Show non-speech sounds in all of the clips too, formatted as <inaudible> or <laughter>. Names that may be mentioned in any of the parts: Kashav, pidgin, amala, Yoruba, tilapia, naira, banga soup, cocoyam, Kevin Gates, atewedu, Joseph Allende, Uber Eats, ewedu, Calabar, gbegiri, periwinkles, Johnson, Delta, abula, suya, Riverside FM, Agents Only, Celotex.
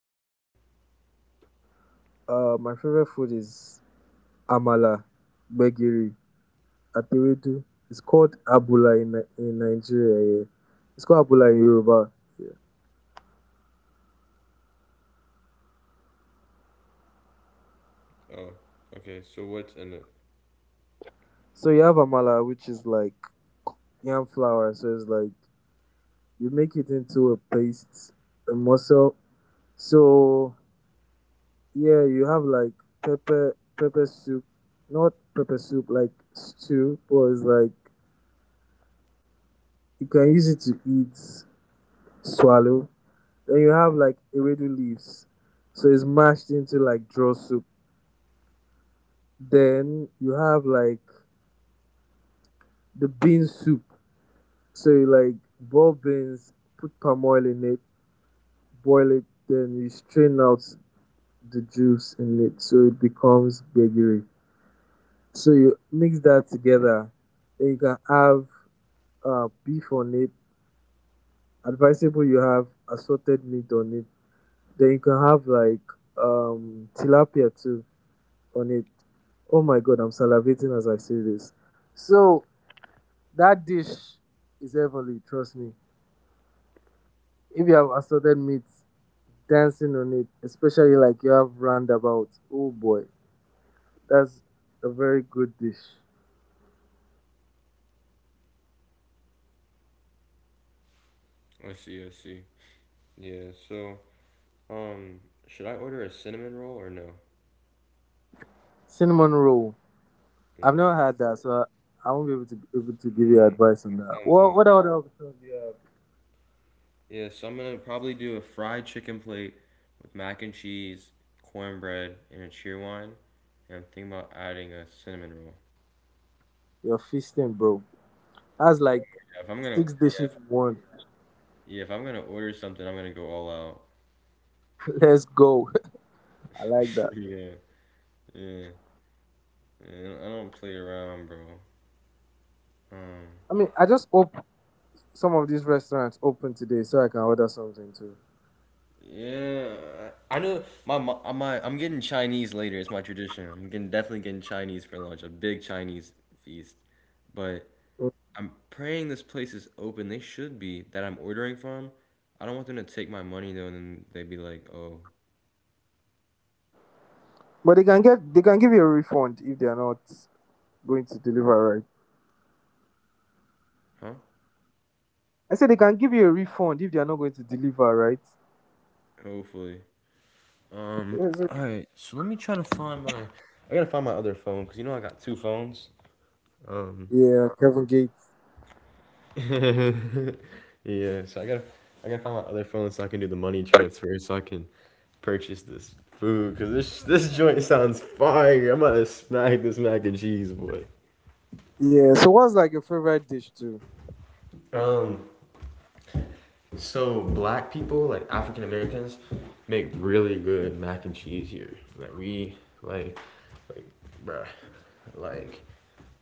favorite food? My favorite food is amala, gbegiri, atewedu. It's called abula in, in Nigeria. Yeah. It's called abula in Yoruba. Yeah. Oh, okay. So what's in it? So you have amala, which is like yam flour. So it's like you make it into a paste, a muscle. So yeah, you have like pepper, pepper soup, not pepper soup, like stew, but it's like you can use it to eat, swallow. Then you have like ewedu leaves. So it's mashed into like draw soup. Then you have like the bean soup. So you like boil beans, put palm oil in it, boil it, then you strain out the juice in it so it becomes gbegiri. So you mix that together. Then you can have beef on it. Advisable you have assorted meat on it. Then you can have like tilapia too on it. Oh my god, I'm salivating as I say this. So that dish is heavenly, trust me. If you have assorted meat, dancing on it, especially like you have roundabout. Oh boy, that's a very good dish. I see. I see. Yeah. So um, should I order a cinnamon roll or no? Cinnamon roll. I've Yeah. never had that, so I won't be able to give you Mm, advice on that. sounds. What in- what other options do you have? Yeah. So I'm gonna probably do a fried chicken plate with mac and cheese, cornbread, and a cheerwine. And I'm thinking about adding a cinnamon roll. You're feasting, bro. That's like Yeah, if I'm gonna, six yeah, dishes if, in one. yeah, if I'm gonna order something, I'm gonna go all out. <laughs> Let's go. <laughs> I like that. <laughs> Yeah. Yeah, yeah, I don't play around, bro. Um, I mean, I just hope some of these restaurants open today, so I can order something too. yeah, I know my, mo- my I'm getting Chinese later. It's my tradition. I'm getting definitely getting Chinese for lunch. A big Chinese feast, but I'm praying this place is open. They should be that I'm ordering from. I don't want them to take my money though, and then they'd be like, "Oh, But they can give you a refund if they are not going to deliver right. huh?" I said they can give you a refund if they are not going to deliver right. Hopefully. Um. Yes. All right. So let me try to find my. I gotta find my other phone because you know I got two phones. Um. Yeah, Kevin Gates. <laughs> Yeah, so I gotta find my other phone so I can do the money transfer so I can purchase this food because this joint sounds fire. I'm about to smack this mac and cheese, boy. Yeah. So what's like your favorite dish too? Um, so black people like African Americans make really good mac and cheese here. Like we like like bruh like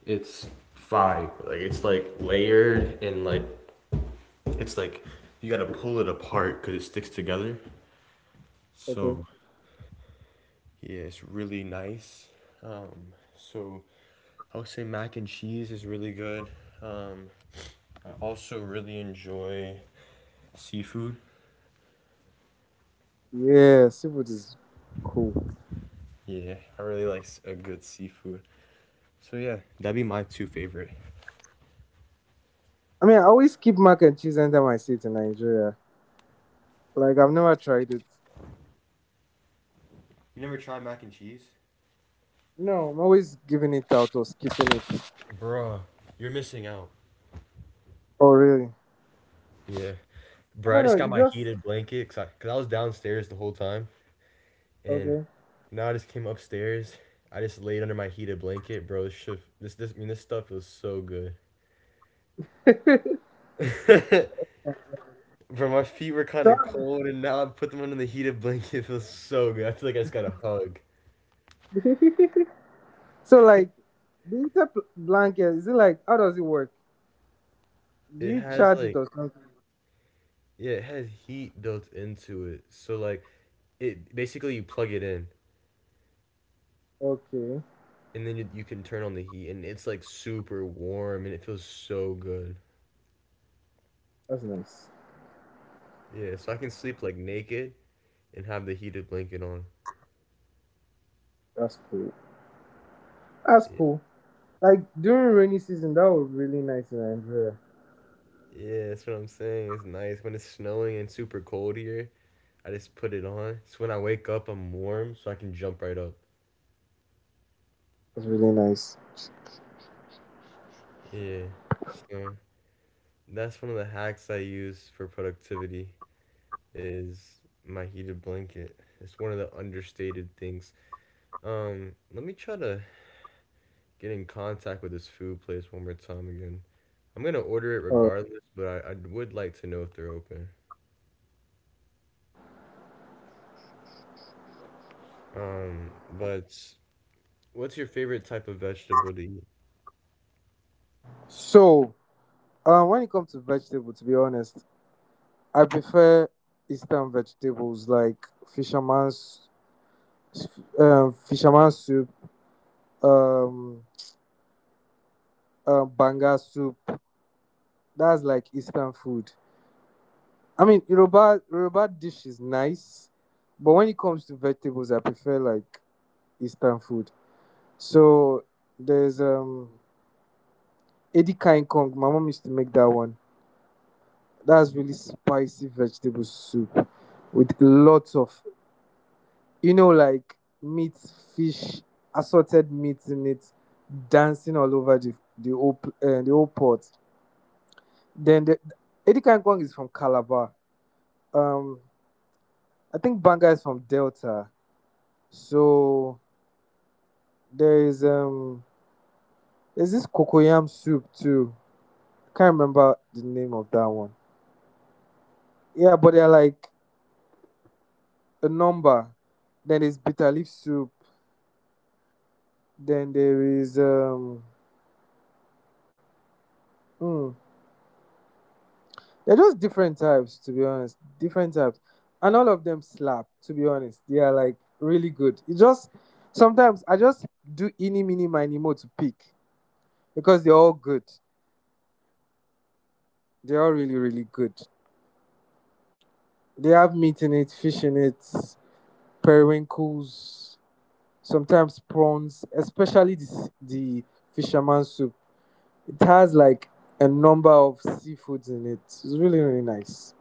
it's fire. Like it's like layered and like it's like you gotta pull it apart because it sticks together. Okay. So yeah, it's really nice. So I would say mac and cheese is really good. Um, I also really enjoy seafood. Yeah, seafood is cool. Yeah, I really like a good seafood. So yeah, that'd be my two favorite. I mean, I always keep mac and cheese under my seat in Nigeria. Like I've never tried it. You never tried mac and cheese? No, I'm always giving it out or skipping it. Bruh, you're missing out. Oh really? Yeah. Bro, I No, no, just got you my just heated blanket because 'cause I was downstairs the whole time. And okay. now I just came upstairs. I just laid under my heated blanket, bro. This shit, I mean, this stuff was so good. <laughs> Bro, my feet were kind of cold, and now I put them under the heated blanket. <laughs> It feels so good. I feel like I just got a hug. So <laughs> So like the inter blanket, is it like how does it work? Do It you has, charge it like, or something? yeah, it has heat built into it. So like, it basically you plug it in, Okay. and then you can turn on the heat, and it's like super warm, and it feels so good. That's nice. Yeah, so I can sleep like naked and have the heated blanket on. That's cool. That's Yeah, cool. Like during rainy season, that was really nice in Nigeria. yeah, that's what I'm saying. It's nice when it's snowing and super cold here. I just put it on. So when I wake up, I'm warm, so I can jump right up. That's really nice. Yeah. So. That's one of the hacks I use for productivity is my heated blanket. It's one of the understated things. Let me try to get in contact with this food place one more time again. I'm gonna order it Alright. regardless, but I would like to know if they're open. But what's your favorite type of vegetable to eat? So when it comes to vegetable, to be honest, I prefer Eastern vegetables like fisherman's fisherman's soup, um banga soup. That's like Eastern food. I mean, Yoruba dish is nice, but when it comes to vegetables, I prefer like Eastern food. So there's Edika in Kong. My mom used to make that one. That's really spicy vegetable soup with lots of you know like meat, fish, assorted meats in it, dancing all over the whole pot. Then the Edika in Kong is from Calabar. Um, I think Banga is from Delta. So There is um there's this cocoyam soup too. Can't remember the name of that one. Yeah, but they're like a number. Then there's bitter leaf soup. Then mm, they're just different types to be honest. Different types. And all of them slap, to be honest. They are like really good. It just sometimes I just do any mini miny mo to pick because they're all good. They're all really, really good. They have meat in it, fish in it, periwinkles sometimes prawns, especially this, the fisherman soup. It has like a number of seafoods in it. It's really, really nice.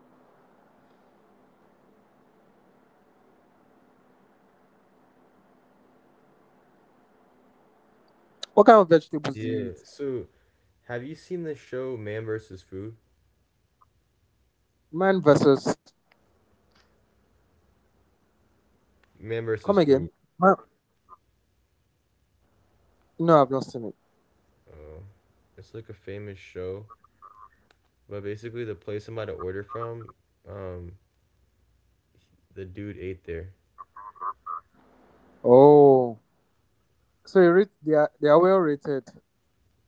What kind of vegetables do you Yeah, eat? so have you seen the show Man vs. Food? Man versus. Man Come vs. again? Food. Man. No, I've not seen it. Oh, it's like a famous show, but basically the place I'm about to order from. um, The dude ate there. Oh. So you rate, they are well rated.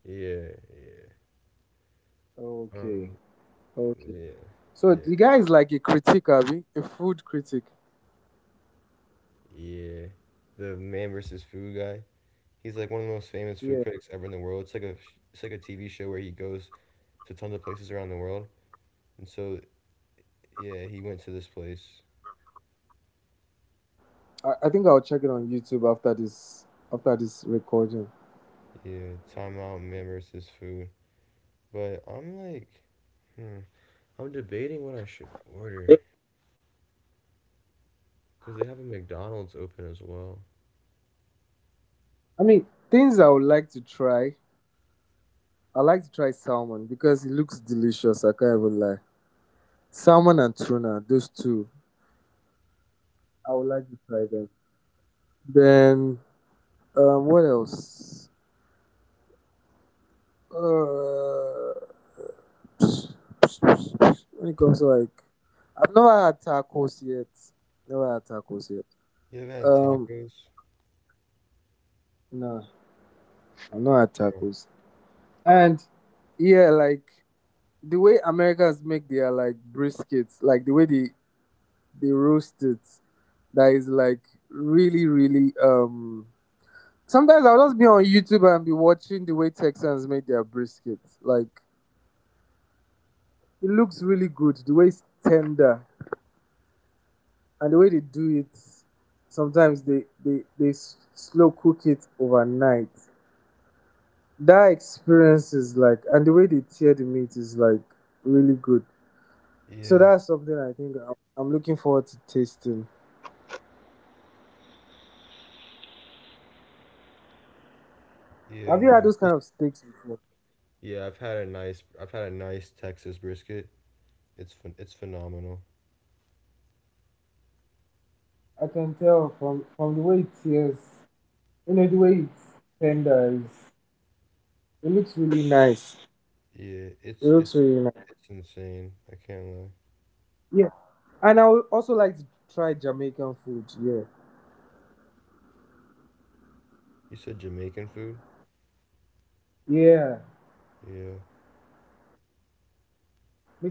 Yeah, yeah. Okay. Um, Okay. yeah, So yeah, the guy is like a critic, Abby, a food critic. yeah. The man versus food guy. He's like one of the most famous food Yeah. critics ever in the world. It's like a TV show where he goes to tons of places around the world. And so yeah, he went to this place. I think I'll check it on YouTube after this recording. Yeah, time out man versus food. But I'm like, hmm, I'm debating what I should order because they have a McDonald's open as well. I mean, things I would like to try I like to try salmon because it looks delicious. I can't even lie. Salmon and tuna, those two. I would like to try them. Then, what else? Uh, <sniffs> when it comes to like, I've never had tacos yet. You ever had Um, tacos, no, I've not had bro? tacos. And yeah, like the way Americans make their like briskets, like the way they roast it. That is like really, really sometimes I'll just be on YouTube and be watching the way Texans make their brisket. Like it looks really good, the way it's tender and the way they do it. Sometimes slow cook it overnight. That experience is like, and the way they tear the meat is like really good. So Yeah, that's something I think I'm looking forward to tasting. yeah. Have you had Nah, those kind of steaks before? yeah, I've had a nice Texas brisket. It's phenomenal. I can tell from the way it tears. You know, the way it's tender is, it looks really nice. Yeah, It looks really nice. it's insane. I can't lie. Yeah. And I would also like to try Jamaican food. Yeah. You said Jamaican food? Yeah. Yeah,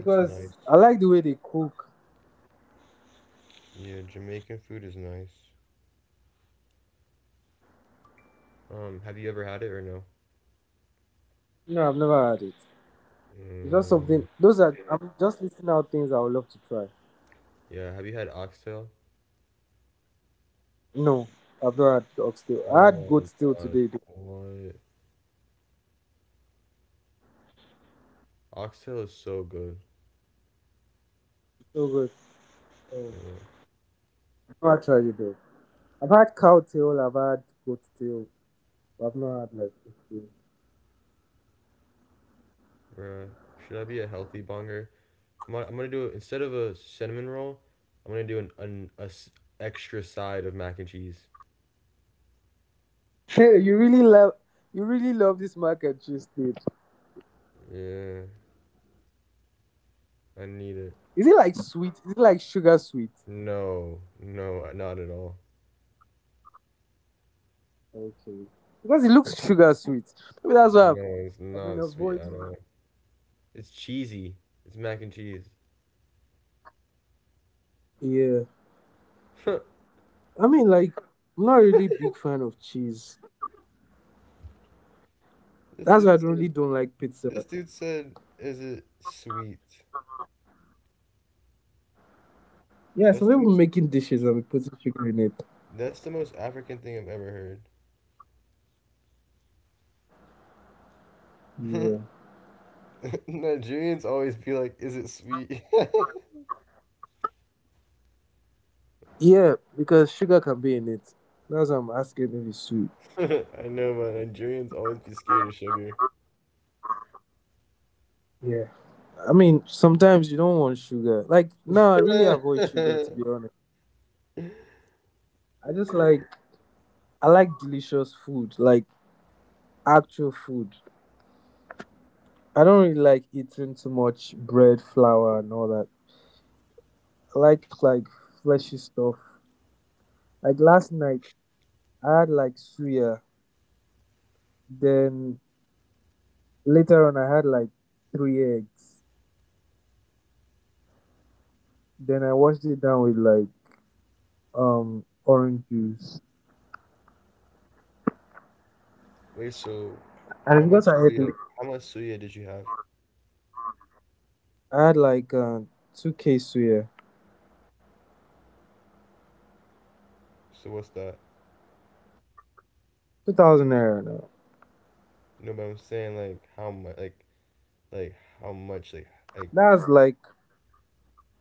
it's nice. I like the way they cook. Yeah, Jamaican food is nice. Have you ever had it or no? You know, I've never had it. It's just something, Mm, those are, I'm just listing out things I would love to try. yeah, have you had oxtail? No, I've not had oxtail. I Oh had my goat tail gosh, today, though. what? Oxtail is so good. It's so good. Oh, Uh, I've not tried it, though. I've had cow tail, I've had goat tail. But I've not had like oxtail. Bruh, should I be a healthy bonger? I'm gonna do instead of a cinnamon roll, I'm gonna do an extra side of mac and cheese. Hey, <laughs> you really love this mac and cheese thing. Yeah, I need it. Is it like sweet? Is it like sugar sweet? No, no, not at all. Okay. Because it looks sugar sweet. Maybe that's why No, it's I've been not sweet at avoiding all. It's cheesy. It's mac and cheese. it. Yeah. <laughs> I mean, like, I'm not really big fan of cheese. This That's dude why I don't said. really don't like pizza. This dude said, "Is it sweet?" Yeah, some That's the people most. making dishes and putting sugar in it. That's the most African thing I've ever heard. Yeah. <laughs> Nigerians always be like, "Is it sweet?" <laughs> Yeah, because sugar can be in it. That's why I'm asking if it's sweet. I know, but Nigerians always be scared of sugar. Yeah. I mean, sometimes you don't want sugar. Like, no, I really avoid sugar, to <laughs> be honest. I just like, I like delicious food, like actual food. I don't really like eating too much bread, flour, and all that. I like fleshy stuff. Like last night, I had like suya. Then later on, I had like 3 eggs. Then I washed it down with like orange juice. Wait, so And it's how because much suya? How much suya did you have? I had like two k suya, So what's that? 2,000 naira now. No, but I'm saying like how much, like how much, like That's like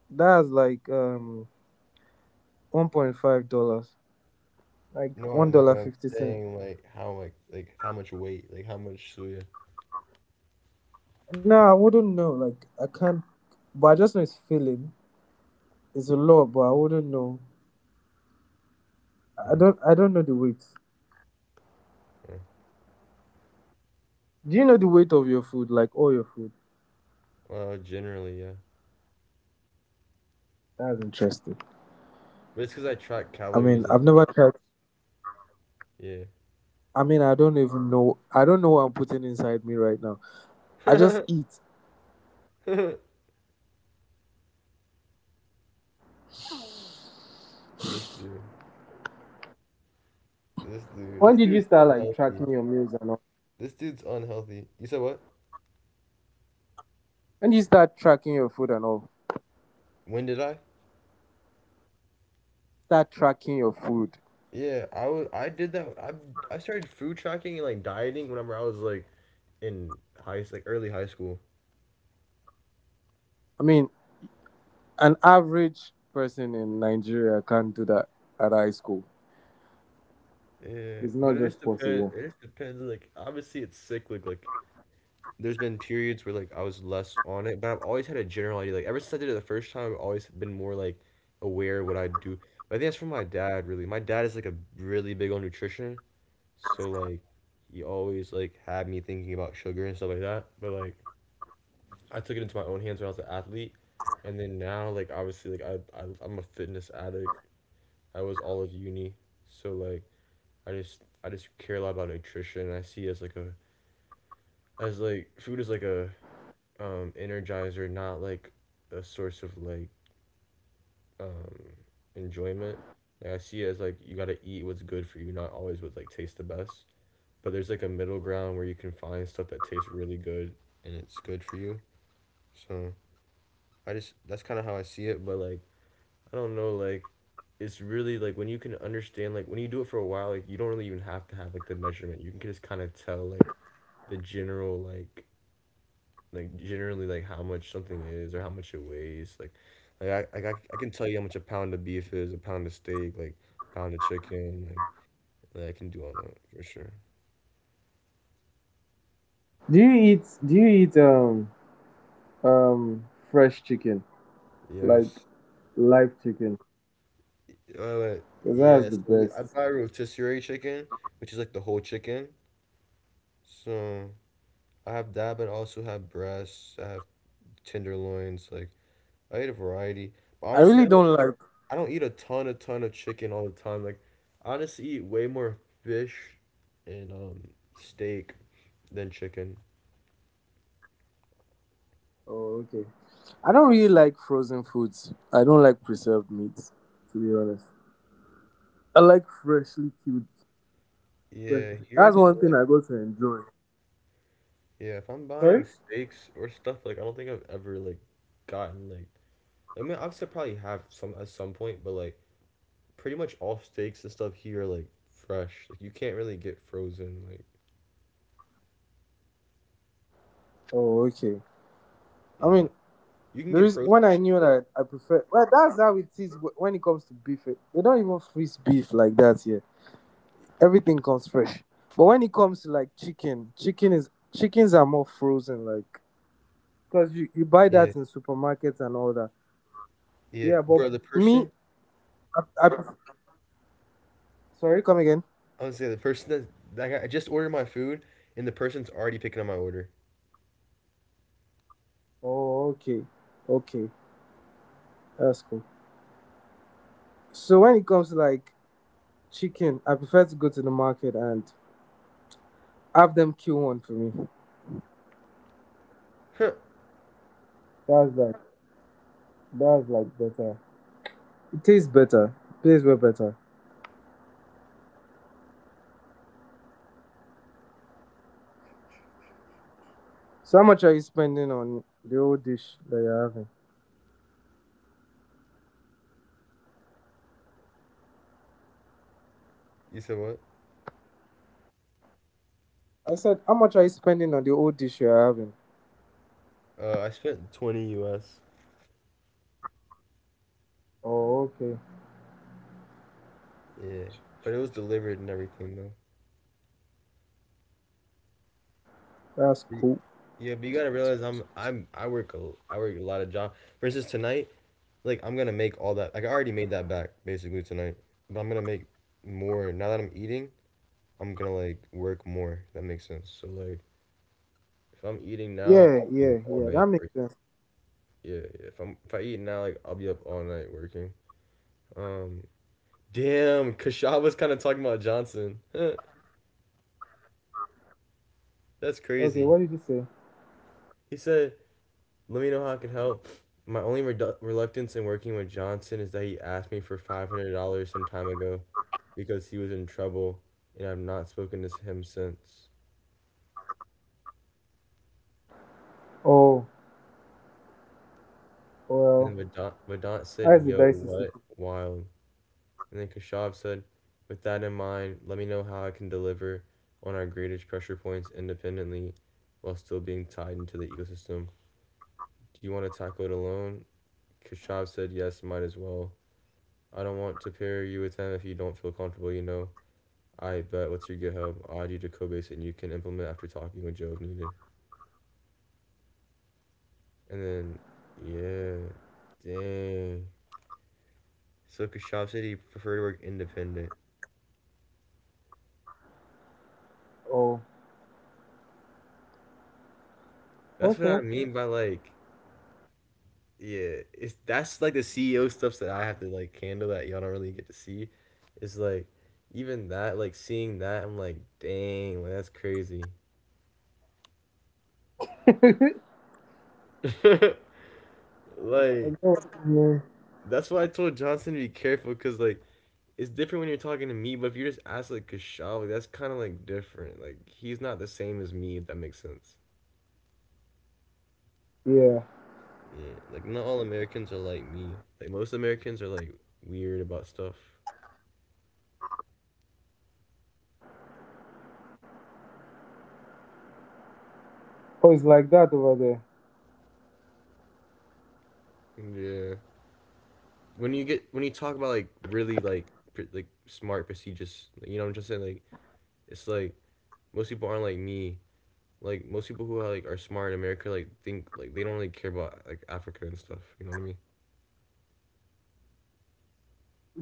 that's like um one point five dollars, like no, I one know, dollar but I'm fifty cents. saying like how like how much weight, like how much suya? No, I wouldn't know. Like I can't, but I just know it's filling. It's a lot, but I wouldn't know. I Uh, don't. I don't know the weight. uh, Do you know the weight of your food? Like all your food. well, generally, yeah. That's interesting. But it's because I track I mean, calories and I've never stuff. tried. I mean, I don't even know. I don't know what I'm putting inside me right now. I Yeah. just <laughs> eat. This dude, When this did you dude's start like unhealthy. tracking your meals and all? This dude's unhealthy. You said what? When did you start tracking your food and all? When did I? Start tracking your food. Yeah, I did that. I started food tracking and like dieting whenever I was like in high like early high school. I mean, an average person in Nigeria can't do that at high school. Yeah, It's not but it just just depends. possible. It just depends. Like obviously it's cyclic. Like there's been periods where like I was less on it, but I've always had a general idea. Like ever since I did it the first time, I've always been more like aware of what I do. But I think that's from my dad really. My dad is like a really big on nutrition, so like he always like had me thinking about sugar and stuff like that. But like I took it into my own hands when I was an athlete. And then now, like obviously, like I'm a fitness addict. I was all of uni, so like I just care a lot about nutrition. I see it as like a as like food is like a energizer, not like a source of like um enjoyment. Like I see it as like you gotta eat what's good for you, not always what like tastes the best. But there's like a middle ground where you can find stuff that tastes really good and it's good for you. So I just that's kind of how I see it. But like I don't know, like it's really like when you can understand like when you do it for a while like you don't really even have to have like the measurement, you can just kind of tell like the general, like generally like how much something is or how much it weighs like I can tell you how much a pound of beef is a pound of steak like pound of chicken like I can do all that for sure. Do you eat um fresh chicken? Like Yes. live chicken? But Because that's yeah, the so I best. buy rotisserie chicken, which is like the whole chicken, so I have that but I also have breasts, I have tenderloins, like I eat a variety. But I honestly, really don't like I don't eat a ton of chicken all the time. Like, I honestly eat way more fish and steak than chicken. oh okay. I don't really like frozen foods. I don't like preserved meats, to be honest. I like freshly killed fresh Yeah, here that's it's one a thing I lot. got to enjoy. Yeah, if I'm Sorry? buying steaks or stuff, like I don't think I've ever like gotten like I mean I've still probably have some at some point, but like pretty much all steaks and stuff here are like fresh. Like you can't really get frozen. Like Oh okay. I mean yeah, you can there get is frozen when I knew chicken. that I prefer well that's how it is when it comes to beef. They don't even freeze beef like that here. Everything comes fresh. But when it comes to like chickens are more frozen, like because you buy Yeah, that in supermarkets and all that. yeah, Yeah, but bro. The me, person. I sorry, come again. Honestly, the person that that guy, I just ordered my food and the person's already picking up my order. Oh, okay, okay, that's cool. So when it comes to like chicken, I prefer to go to the market and have them kill one for me. Huh? That's like that's like better. It tastes better. It tastes way better. So how much are you spending on the old dish that you're having? You said what? I said, how much are you spending on the old dish you're having? I spent 20 US. Oh, okay. Yeah, but it was delivered and everything though. But That's y- cool. yeah, but you gotta realize I work a lot of jobs. For instance, tonight, like I'm gonna make all that. Like I already made that back basically tonight, but I'm gonna make more now that I'm eating. I'm gonna like work more. If that makes sense. So like if I'm eating now, Yeah, I'll be up yeah, all yeah. That night makes working. sense. Yeah, yeah. If I eat now, like I'll be up all night working. Um, Damn, Kashaw was kind of talking about Johnson. <laughs> Huh, that's Okay, what crazy. did you say? He said, "Let me know how I can help." My only reluctance in working with Johnson is that he asked me for $500 some time ago because he was in trouble, and I've not spoken to him since. Oh, And well, then Vedant how said, is the "Yo, dicey city? what? Wild." And then Kashav said, "With that in mind, let me know how I can deliver on our greatest pressure points independently, while still being tied into the ecosystem. Do you want to tackle it alone?" Kashav said, yes, might as well. I don't want to pair you with him if you don't feel comfortable, you know. I bet. What's your GitHub? I'll add you to Codebase and you can implement after talking with Joe if needed. And then, yeah, dang. So Kashav said he preferred to work independent. Oh, That's what okay. I mean by like, yeah. It's that's like the CEO stuff that I have to like handle that y'all don't really get to see. It's like, even that, like seeing that, I'm like, dang, like that's crazy. <laughs> I like get what you mean. that's why I told Johnson to be careful, because like it's different when you're talking to me, but if you just ask like Kashaw, like that's kind of like different. Like he's not the same as me. If that makes sense. Yeah. Yeah. Like not all Americans are like me. Like most Americans are like weird about stuff. Oh, it's like that over there. Yeah. When you get when you talk about like really like pre- like smart prestigious, like, you know what I'm just saying, like it's like most people aren't like me. Like most people who are like are smart in America like think, like they don't really care about like Africa and stuff. You know what I mean?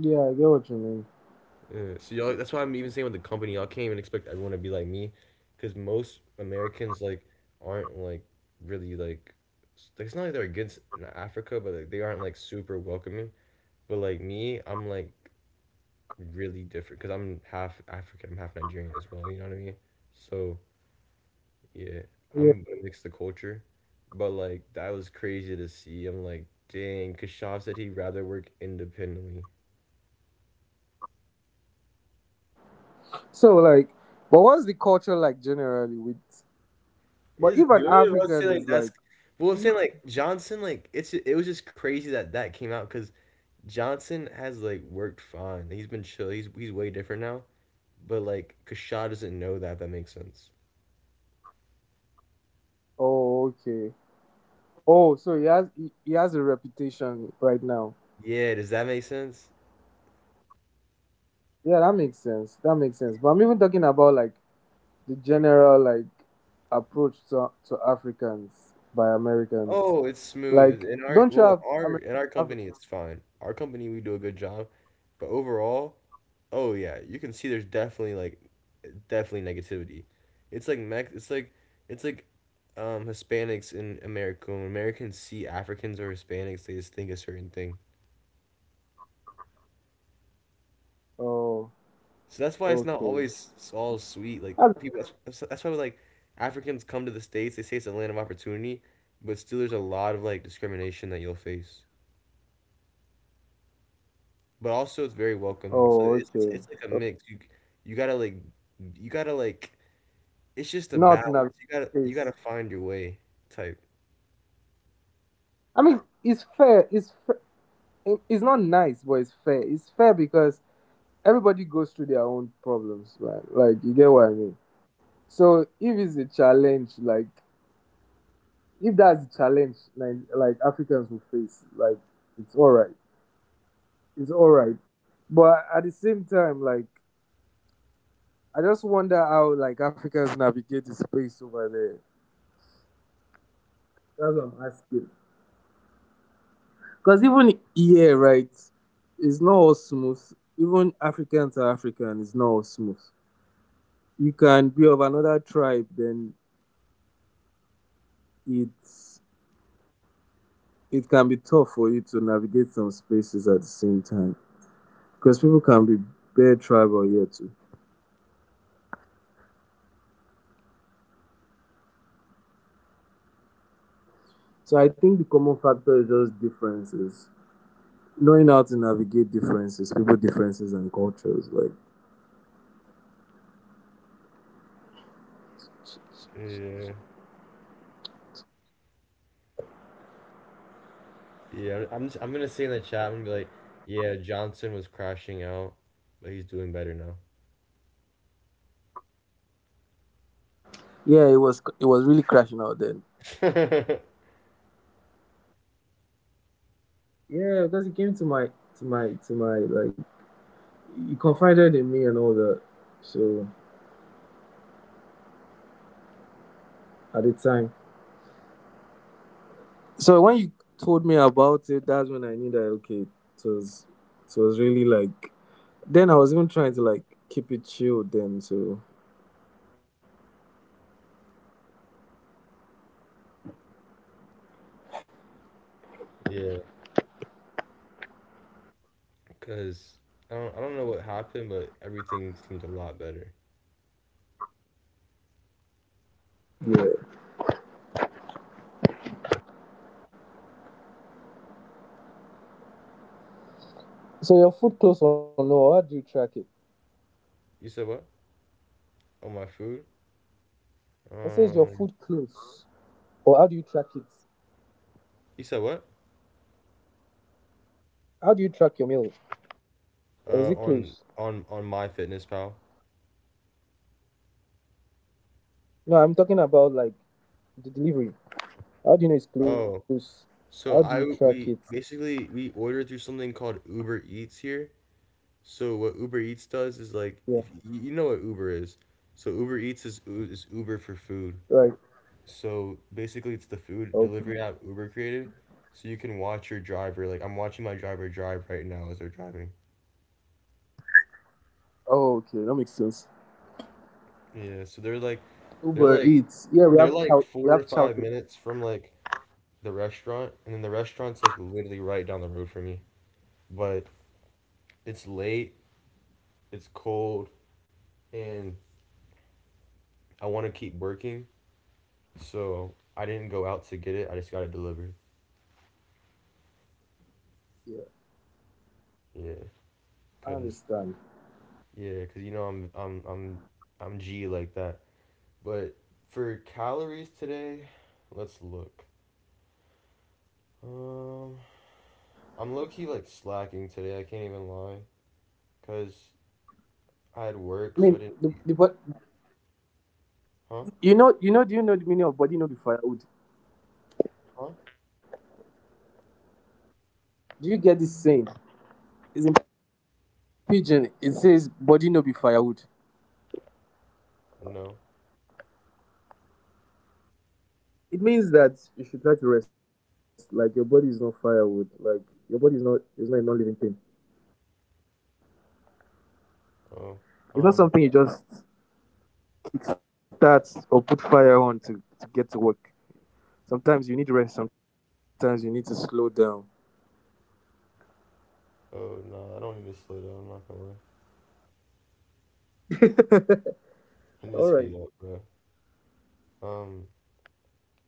Yeah, I get what you mean. Yeah, so y'all, that's why I'm even saying with the company, y'all can't even expect everyone to be like me, because most Americans like aren't like really like. S- like, it's not like they're against in Africa, but like they aren't like super welcoming. But like me, I'm like really different because I'm half African, I'm half Nigerian as well. You know what I mean? So yeah, Yeah. I'm gonna mix the culture, but like that was crazy to see. I'm like, dang, cause Shaw said he'd rather work independently. So, like, but what's the culture like generally with? But It's if an good. I was African saying is like that's like, well, I'm you- saying like Johnson, like it's it was just crazy that that came out because Johnson has like worked fine. He's been chill. He's way different now. But like Kashad doesn't know that. If that makes sense. oh, okay. Oh, so he has a reputation right now. Yeah. Does that make sense? Yeah, that makes sense. That makes sense. But I'm even talking about like the general like approach to Africans by Americans. Oh, it's smooth. Like, In our don't you well, have in our Af- company, it's fine. Our company, we do a good job, but overall, oh yeah, you can see there's definitely like definitely negativity. It's like Mex. It's like Hispanics in America. When Americans see Africans or Hispanics, they just think a certain thing. Oh, So that's why it's not okay. always s- all sweet. Like Af- people, that's why like Africans come to the States. They say it's a land of opportunity, but still there's a lot of like discrimination that you'll face. But also it's very welcoming. So Oh, okay. it's like a Oh, mix. You you gotta like you gotta like it's just a not in a balance. You gotta case. find your way type. I mean, it's fair. It's fair. It's not nice, but it's fair. It's fair because everybody goes through their own problems, right? Like, you get what I mean. So if it's a challenge, like if that's the challenge like Africans will face, like it's all right. It's all right. But at the same time, like I just wonder how like Africans navigate the space over there. That's what I'm asking. Because even here, right, it's not all smooth. Even African to African is not all smooth. You can be of another tribe, then it's it can be tough for you to navigate some spaces at the same time. Because people can be bare tribal here too. So I think the common factor is just differences, knowing how to navigate differences, people differences and cultures. Like Yeah, yeah. I'm gonna say in the chat. I'm gonna be like, yeah, Johnson was crashing out, but he's doing better now. yeah, it was really crashing out then. <laughs> Yeah, because he came to my to my to my like he confided in me and all that. So at the time, so when you told me about it, that's when I knew that okay, it was really like. Then I was even trying to like keep it chilled then. So Yeah, cause I don't know what happened, but everything seemed a lot better. yeah. So your food close or no? How do you track it? You said what? On my food? I says your food Um, close. Or how do you track it? you said what? How do you track your mail? Or is it Uh, close? on on on my fitness pal. No, I'm talking about like the delivery. How do you know it's Oh. close? So How I do you we track it? basically we order through something called Uber Eats here. So what Uber Eats does is like if y- Yeah, you know what Uber is. So Uber Eats is is Uber for food. right. So basically it's the food delivery app Uber Okay. created. So you can watch your driver, like I'm watching my driver drive right now as they're driving. Oh, okay, that makes sense. Yeah, so they're like Uber Eats. Yeah, they're like 4 to We 5 have chow. minutes from like the restaurant, and then the restaurant's like literally right down the road from me. But it's late, it's cold, and I want to keep working, so I didn't go out to get it. I just got it delivered. Yeah, Yeah, I cause understand. yeah, cause you know I'm G like that. But for calories today, let's look. Um, I'm low key like slacking today. I can't even lie, cause I had work, so I didn't I eat. mean, the but Huh? you know do you know the meaning of body no be firewood? Huh? Do you get this saying? It's in pidgin. It says body no be firewood. No. It means that you should try to rest. Like your body is not firewood. Like your body is not a non-living thing. Oh. It's not Um. something you just kickstart or put fire on to get to work. Sometimes you need rest. Sometimes you need to slow down. Oh no, I don't need to slow down. I'm not gonna lie. <laughs> I need to speed All up, right. bro. Um.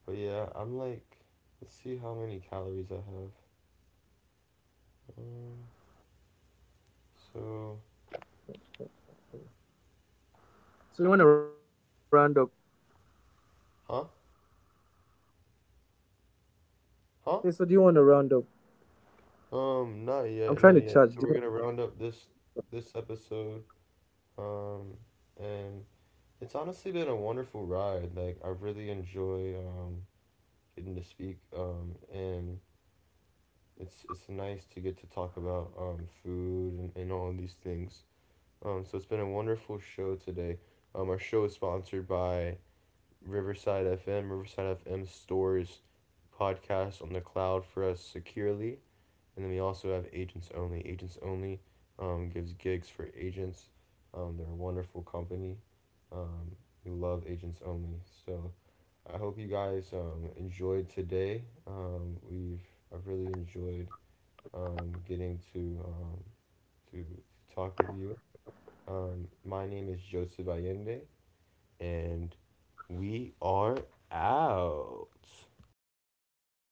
But yeah, I'm like, let's see how many calories I have. Um, so, So you want to round up? huh? Huh? Hey, so do you want to round up? Not yet, not yet. So we're I'm gonna trying to round up charge. Do this you this episode. Um, and it's honestly been a wonderful ride. Like I really enjoy getting to speak. And it's nice to get to talk about food and all of these things. So it's been a wonderful show today. Our show is sponsored by Riverside FM. Riverside FM stores podcast on the cloud for us securely. And then we also have Agents Only. Agents Only gives gigs for agents. They're a wonderful company. Um, we love Agents Only. So I hope you guys enjoyed today. We've I've really enjoyed getting to to talk with you. My name is Joseph Allende, and we are out.